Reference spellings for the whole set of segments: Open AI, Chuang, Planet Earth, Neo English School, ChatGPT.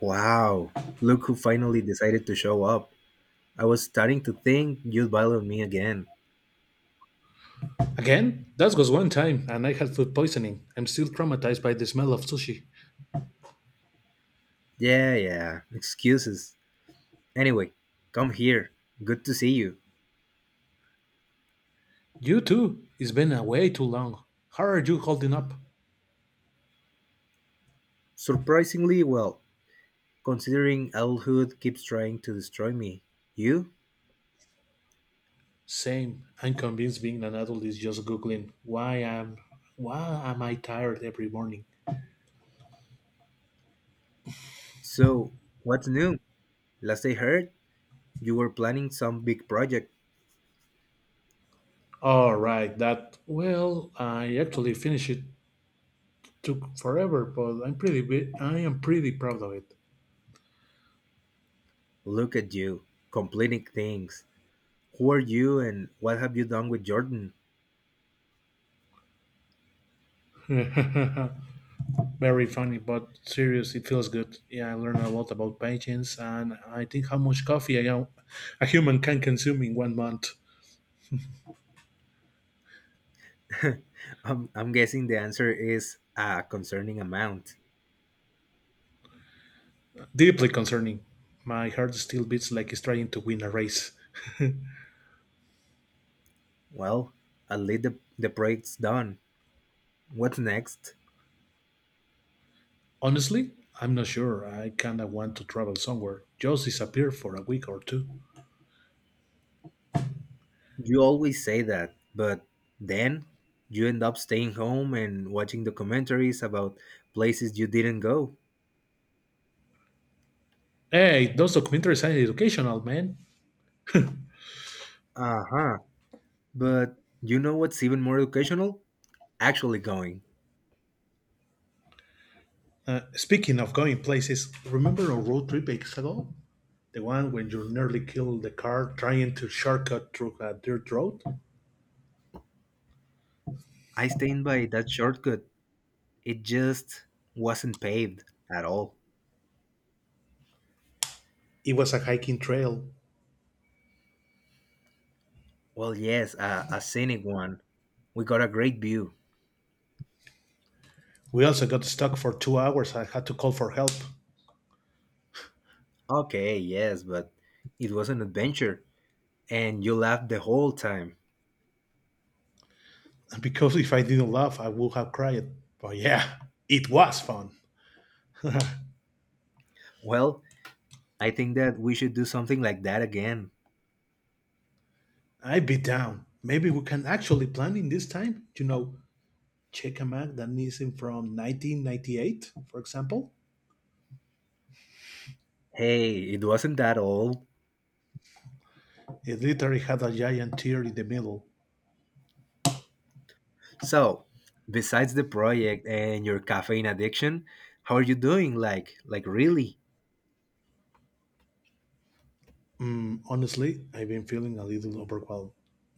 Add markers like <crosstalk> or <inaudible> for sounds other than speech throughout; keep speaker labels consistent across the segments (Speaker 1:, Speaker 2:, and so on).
Speaker 1: Wow, look who finally decided to show up. I was starting to think you'd bother me again.
Speaker 2: Again, that was one time, and I had food poisoning. I'm still traumatized by the smell of sushi.
Speaker 1: Yeah, yeah, excuses. Anyway, come here. Good to see you.
Speaker 2: You too. It's been a way too long. How are you holding up?
Speaker 1: Surprisingly well, considering adulthood keeps trying to destroy me. You?
Speaker 2: Same. I'm convinced being an adult is just googling why am I tired every morning.
Speaker 1: So, what's new? Last I heard, you were planning some big project.
Speaker 2: All right, that well, I actually finished it took forever, but I am pretty proud of it.
Speaker 1: Look at you, completing things. Who are you and what have you done with Jordan?
Speaker 2: Very funny, but serious, it feels good. Yeah, I learned a lot about patience and I think how much coffee a human can consume in 1 month.
Speaker 1: <laughs> I'm guessing the answer is a concerning amount.
Speaker 2: Deeply concerning. My heart still beats like it's trying to win a race.
Speaker 1: Well, at least the project's done. What's next?
Speaker 2: Honestly, I'm not sure. I kinda want to travel somewhere, just disappear for a week or two.
Speaker 1: You always say that, but then you end up staying home and watching documentaries about places you didn't go.
Speaker 2: Hey, those documentaries are educational, man.
Speaker 1: Uh huh. But you know what's even more educational? Actually going.
Speaker 2: Speaking of going places, remember our road trip weeks ago, the one when you nearly killed the car trying to shortcut through a dirt road?
Speaker 1: I stand by that shortcut. It just wasn't paved at all.
Speaker 2: It was a hiking trail.
Speaker 1: Well, yes, a scenic one. We got a great view.
Speaker 2: We also got stuck for 2 hours. I had to call for help
Speaker 1: Okay, yes, but it was an adventure and you laughed the whole time.
Speaker 2: because if I didn't laugh, I would have cried. But yeah, it was fun.
Speaker 1: Well, I think that we should do something like that again.
Speaker 2: I'd be down. Maybe we can actually plan in this time. You know, check a map that is in from 1998, for example.
Speaker 1: Hey, it wasn't that old.
Speaker 2: It literally had a giant tear in the middle.
Speaker 1: So, besides the project and your caffeine addiction, how are you doing? Like really?
Speaker 2: Honestly, I've been feeling a little overwhelmed.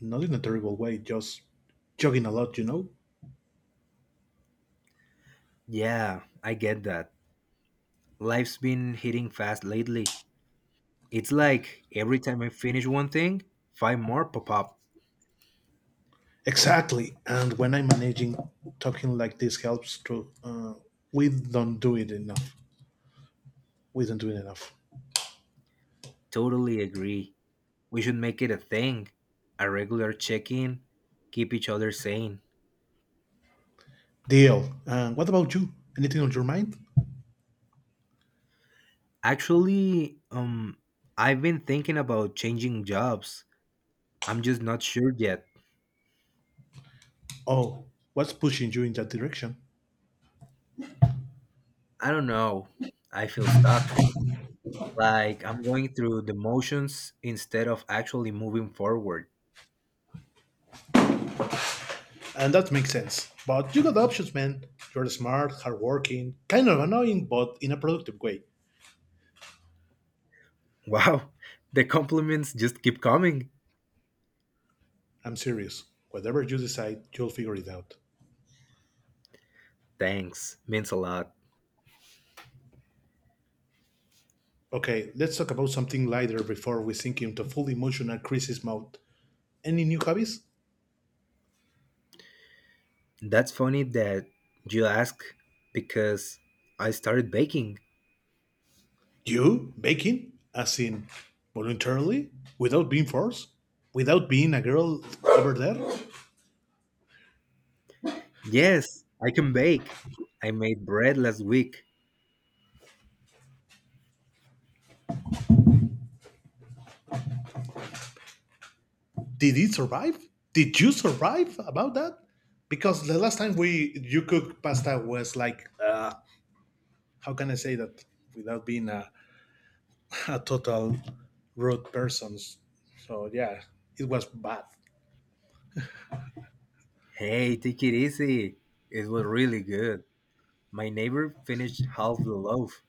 Speaker 2: Not in a terrible way, just jogging a lot, you know?
Speaker 1: Yeah, I get that. Life's been hitting fast lately. It's like every time I finish one thing, five more pop up.
Speaker 2: Exactly. And when I'm managing, talking like this helps to. We don't do it enough. We don't do it enough.
Speaker 1: Totally agree. We should make it a thing, a regular check-in, keep each other sane.
Speaker 2: Deal. And what about you? Anything on your mind?
Speaker 1: Actually, I've been thinking about changing jobs. I'm just not sure yet.
Speaker 2: Oh, what's pushing you in that direction?
Speaker 1: I don't know. I feel stuck. Like I'm going through the motions instead of actually moving forward.
Speaker 2: And that makes sense. But you got options, man. You're smart, hardworking, kind of annoying, but in a productive way.
Speaker 1: Wow, <laughs> the compliments just keep coming.
Speaker 2: I'm serious. Whatever you decide, you'll figure it out.
Speaker 1: Thanks, means a lot.
Speaker 2: Okay, let's talk about something lighter before we sink into full emotional crisis mode. Any new hobbies?
Speaker 1: That's funny that you ask because I started baking.
Speaker 2: You baking, as in voluntarily, without being forced, without being a girl over there?
Speaker 1: Yes, I can bake. I made bread last week.
Speaker 2: Did it survive? Did you survive about that? Because the last time we you cooked pasta was like, how can I say that without being a total rude person? So yeah, it was bad.
Speaker 1: Hey, take it easy. It was really good. My neighbor finished half the loaf.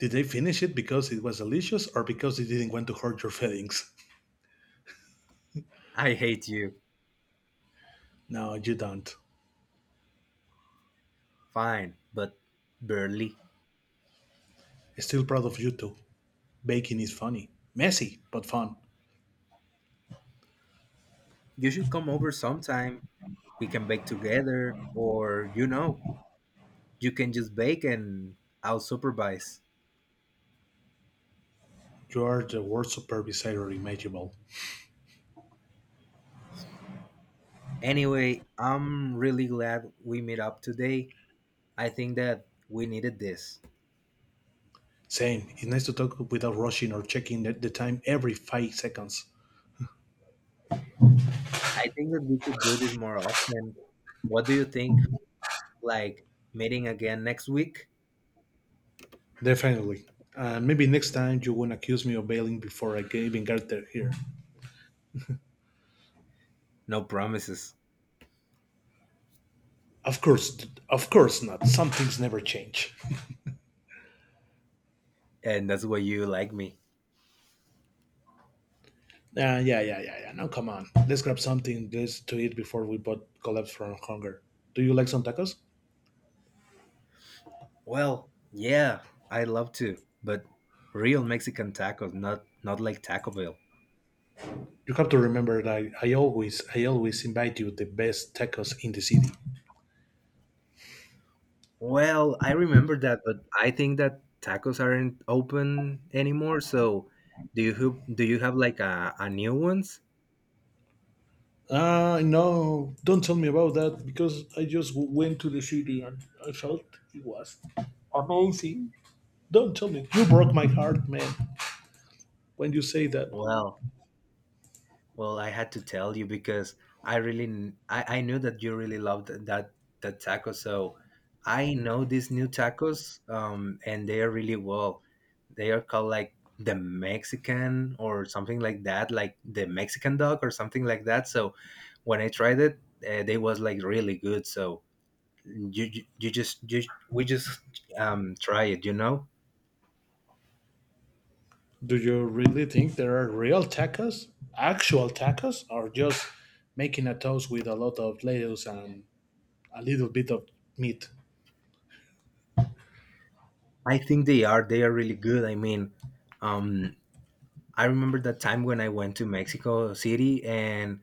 Speaker 2: Did they finish it because it was delicious or because they didn't want to hurt your feelings?
Speaker 1: I hate you.
Speaker 2: No, you don't.
Speaker 1: Fine, but barely.
Speaker 2: Still proud of you too. Bacon is funny, messy, but fun.
Speaker 1: You should come over sometime. We can bake together, or you can just bake and I'll supervise.
Speaker 2: You are the worst supervisor imaginable.
Speaker 1: Anyway, I'm really glad we meet up today. I think that we needed this.
Speaker 2: Same, it's nice to talk without rushing or checking the time every 5 seconds.
Speaker 1: I think that we should do this more often. What do you think? Like meeting again next week?
Speaker 2: Definitely. And maybe next time you won't accuse me of bailing before I even get there here.
Speaker 1: No promises.
Speaker 2: Of course, of course not. Some things never change.
Speaker 1: And that's why you like me.
Speaker 2: Yeah, yeah, yeah, yeah. Now come on. Let's grab something this to eat before we both collapse from hunger. Do you like some tacos?
Speaker 1: Well, yeah, I love to, but real Mexican tacos, not like Taco Bell.
Speaker 2: You have to remember that I always invite you the best tacos in the city.
Speaker 1: Well, I remember that, but I think that tacos aren't open anymore. So, do you have like a new ones?
Speaker 2: Ah, no, don't tell me about that because I just went to the city and I felt it was amazing. Don't tell me. You broke my heart, man, when you say that.
Speaker 1: Well, Well, I had to tell you because I knew that you really loved that taco. So I know these new tacos, and they are really well. They are called like the Mexican or something like that, like the Mexican dog or something like that. So when I tried it, they was like really good. So you just you we just try it.
Speaker 2: Do you really think there are real tacos? Actual tacos? Or just making a toast with a lot of lettuce and a little bit of meat?
Speaker 1: I think they are really good. I mean, um, I remember that time when I went to Mexico City, and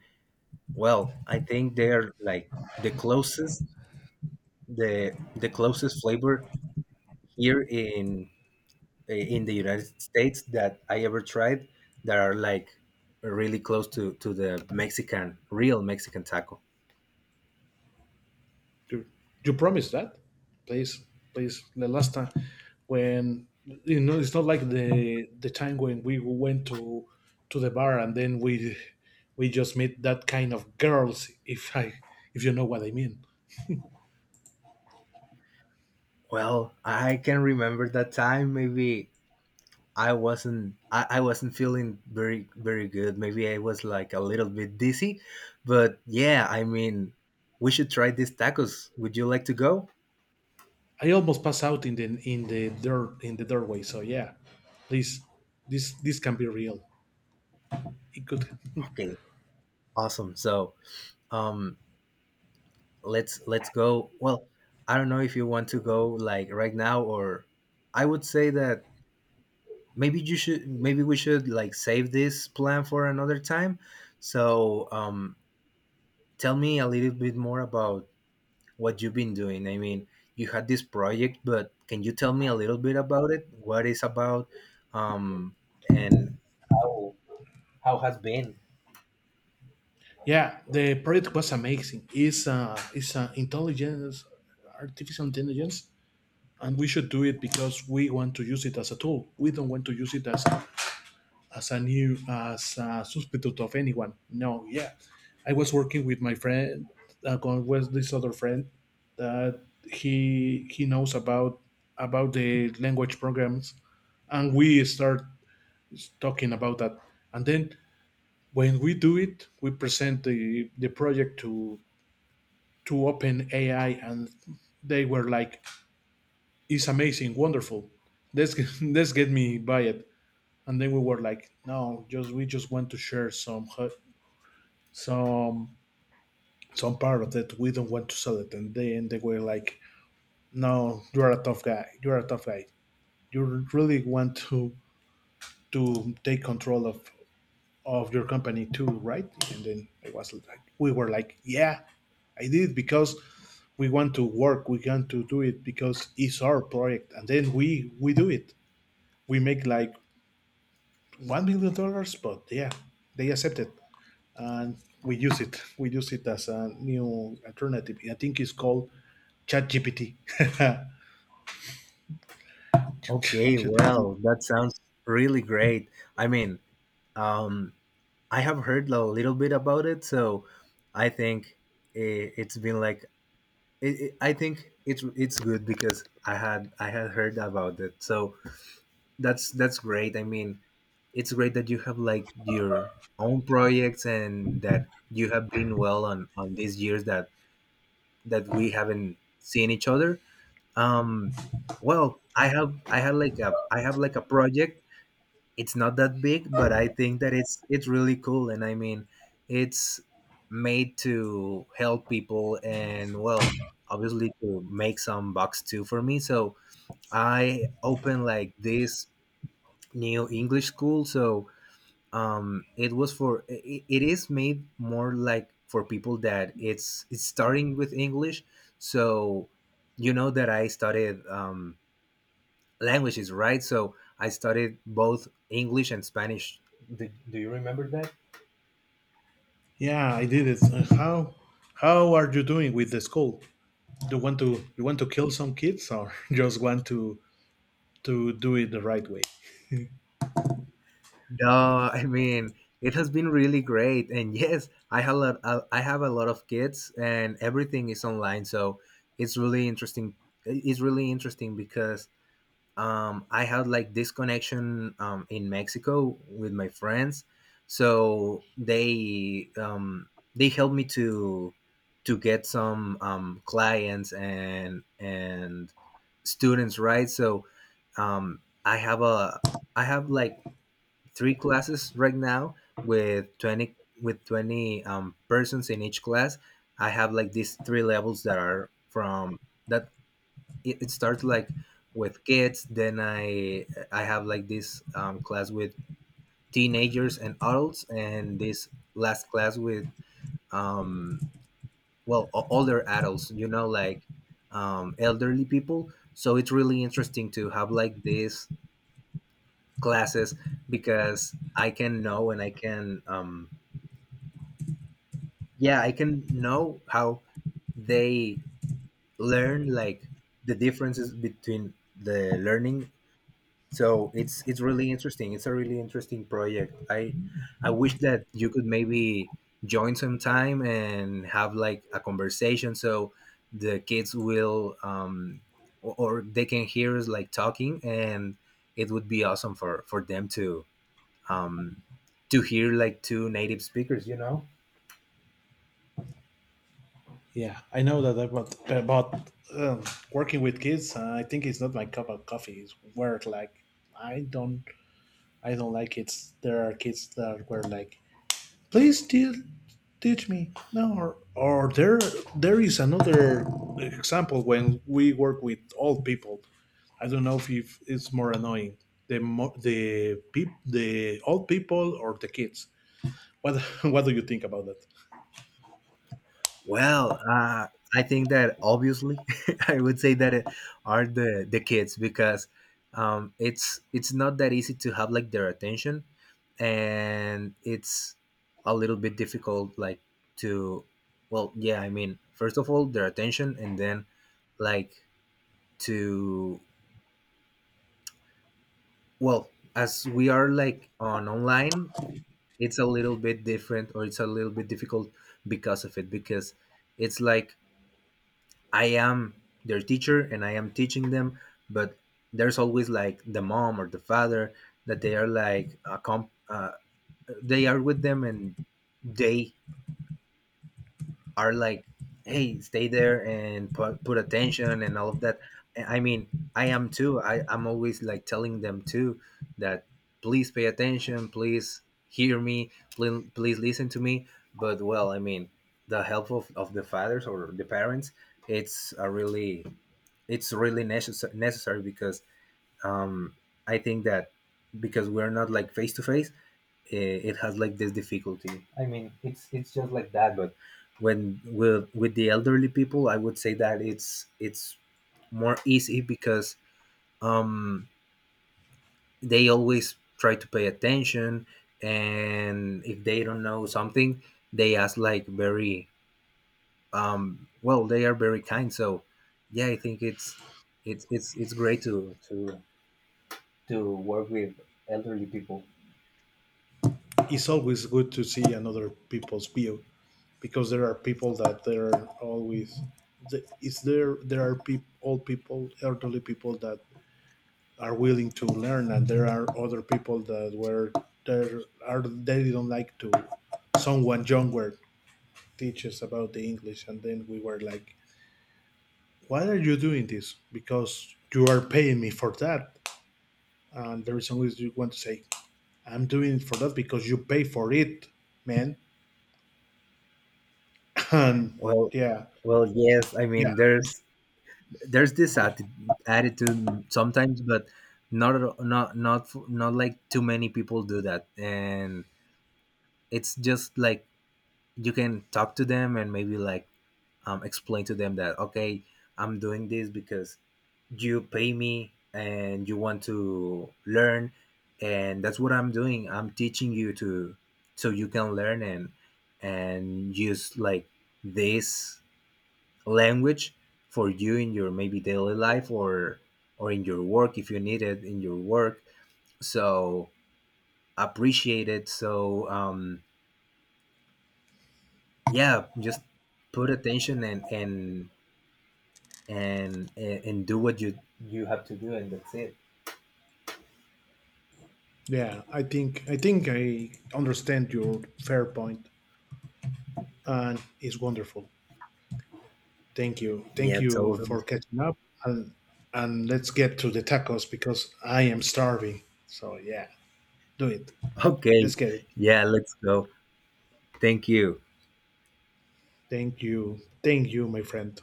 Speaker 1: well, I think they're like the closest flavor here in the United States that I ever tried that are like really close to the Mexican real Mexican taco.
Speaker 2: you, you promised that. Please, please, the last time when you know it's not like the time when we went to the bar and then we just met that kind of girls. If you know what I mean.
Speaker 1: Well, I can remember that time. Maybe I wasn't feeling very very good. Maybe I was like a little bit dizzy, but yeah, I mean, we should try these tacos. Would you like to go?
Speaker 2: I almost pass out in the dirt in the doorway. So yeah, please, this can be real. It could.
Speaker 1: Okay, awesome. So, um, let's go. Well, I don't know if you want to go like right now, or I would say that maybe we should like save this plan for another time. So, tell me a little bit more about what you've been doing. I mean, you had this project, but can you tell me a little bit about it? What it's about, um, and how how has been?
Speaker 2: Yeah, the project was amazing. It's intelligence, artificial intelligence, and we should do it because we want to use it as a tool. We don't want to use it as a new as a substitute of anyone. No, yeah, I was working with my friend, uh, with this other friend that he knows about the language programs, and we start talking about that. And then when we do it, we present the project to Open AI, and they were like, "It's amazing, wonderful. Let's get, <laughs> let's get me by it." And then we were like, no, just we just want to share some some part of it. We don't want to sell it. And then they were like, no, you are a tough guy. You are a tough guy. You really want to take control of your company too, right? And then it was like we were like, yeah, I did because we want to work. We want to do it because it's our project. And then we do it. We make like $1 million, but yeah, they accepted. And we use it. We use it as a new alternative. I think it's called ChatGPT. <laughs>
Speaker 1: Okay,
Speaker 2: ChatGPT.
Speaker 1: well, that sounds really great. I mean, um, I have heard a little bit about it, so I think it's been like it's good because I had heard about it. So, that's great. I mean, it's great that you have like your own projects and that you have been well on these years that we haven't seen each other. Um, well, I have I had like a I have like a project. It's not that big, but I think that it's really cool. And I mean, it's made to help people and, well, obviously to make some bucks too for me. So I opened like this Neo English School. So, it is made more like for people that it's starting with English. So, you know that I studied languages, right? So I studied both English and Spanish. Do you remember that?
Speaker 2: Yeah, I did it. How are you doing with the school? Do you want to You want to kill some kids or <laughs> just want to do it the right way?
Speaker 1: No, I mean it has been really great, and yes, I have a lot, I have a lot of kids, and everything is online, so it's really interesting. It's really interesting because, I had like this connection, in Mexico with my friends, so they helped me to get some, clients and students, right? So, um, I have a I have like three classes right now with twenty with 20 persons in each class. I have like these three levels that are from that it starts like with kids. Then I have like this, class with teenagers and adults, and this last class with, um older adults, you know, like elderly people. So it's really interesting to have like these classes because I can know, and I can, yeah I can know how they learn, like the differences between the learning. So it's really interesting. It's a really interesting project. I wish that you could maybe join sometime and have like a conversation, so the kids will, or they can hear us like talking, and it would be awesome for them to, um to hear like two native speakers, you know.
Speaker 2: Yeah, I know that about um, working with kids. I think it's not my cup of coffee. It's where like I don't I don't like kids. There are kids that were like, please teach me now, or there is another example when we work with old people. I don't know if it's more annoying the old people or the kids. What <laughs> what do you think about that?
Speaker 1: Well, I think that obviously <laughs> I would say that it are the kids because, it's not that easy to have like their attention, and it's a little bit difficult like to, well, yeah, I mean, first of all their attention, and then like to, well, as we are like on online, it's a little bit different, or it's a little bit difficult because of it, because it's like I am their teacher and I am teaching them, but there's always like the mom or the father that they are like a they are with them, and they are like, hey, stay there and put, put attention and all of that. And I mean, I am too. I'm always like telling them too that, please pay attention, please hear me, please, please listen to me. But, well, I mean, the help of the fathers or the parents, it's a really it's really necessary necessary because, um, I think that because we're not like face to face, eh, it has like this difficulty. I mean, it's just like that. But when with the elderly people, I would say that it's more easy because, um, they always try to pay attention, and if they don't know something, they ask like very, well. They are very kind. So yeah, I think it's it's great to work with elderly people.
Speaker 2: It's always good to see another people's view because there are people that they're always the, is there there are peop old people, elderly people that are willing to learn, and there are other people that were there are they don't like to someone younger teaches about the English, and then we were like, "Why are you doing this? Because you are paying me for that." And the reason is you want to say, "I'm doing it for that because you pay for it, man." <laughs> And
Speaker 1: Well,
Speaker 2: yeah,
Speaker 1: well, yes. I
Speaker 2: yeah,
Speaker 1: mean, there's this attitude sometimes, but not not not not like too many people do that, and it's just like you can talk to them and maybe like, explain to them that, okay, I'm doing this because you pay me and you want to learn, and that's what I'm doing. I'm teaching you to, so you can learn and use like this language for you in your maybe daily life or in your work if you need it in your work. So appreciate it. So, yeah, just put attention and do what you have to do, and that's it.
Speaker 2: yeah. I think I understand your fair point, and it's wonderful. Thank you. Thank
Speaker 1: Yeah,
Speaker 2: you
Speaker 1: totally.
Speaker 2: for catching up. And, and let's get to the tacos because I am starving. So, yeah, do it.
Speaker 1: <laughs> Okay.
Speaker 2: Let's get it.
Speaker 1: Yeah, let's go. Thank you.
Speaker 2: Thank you. Thank you, my friend.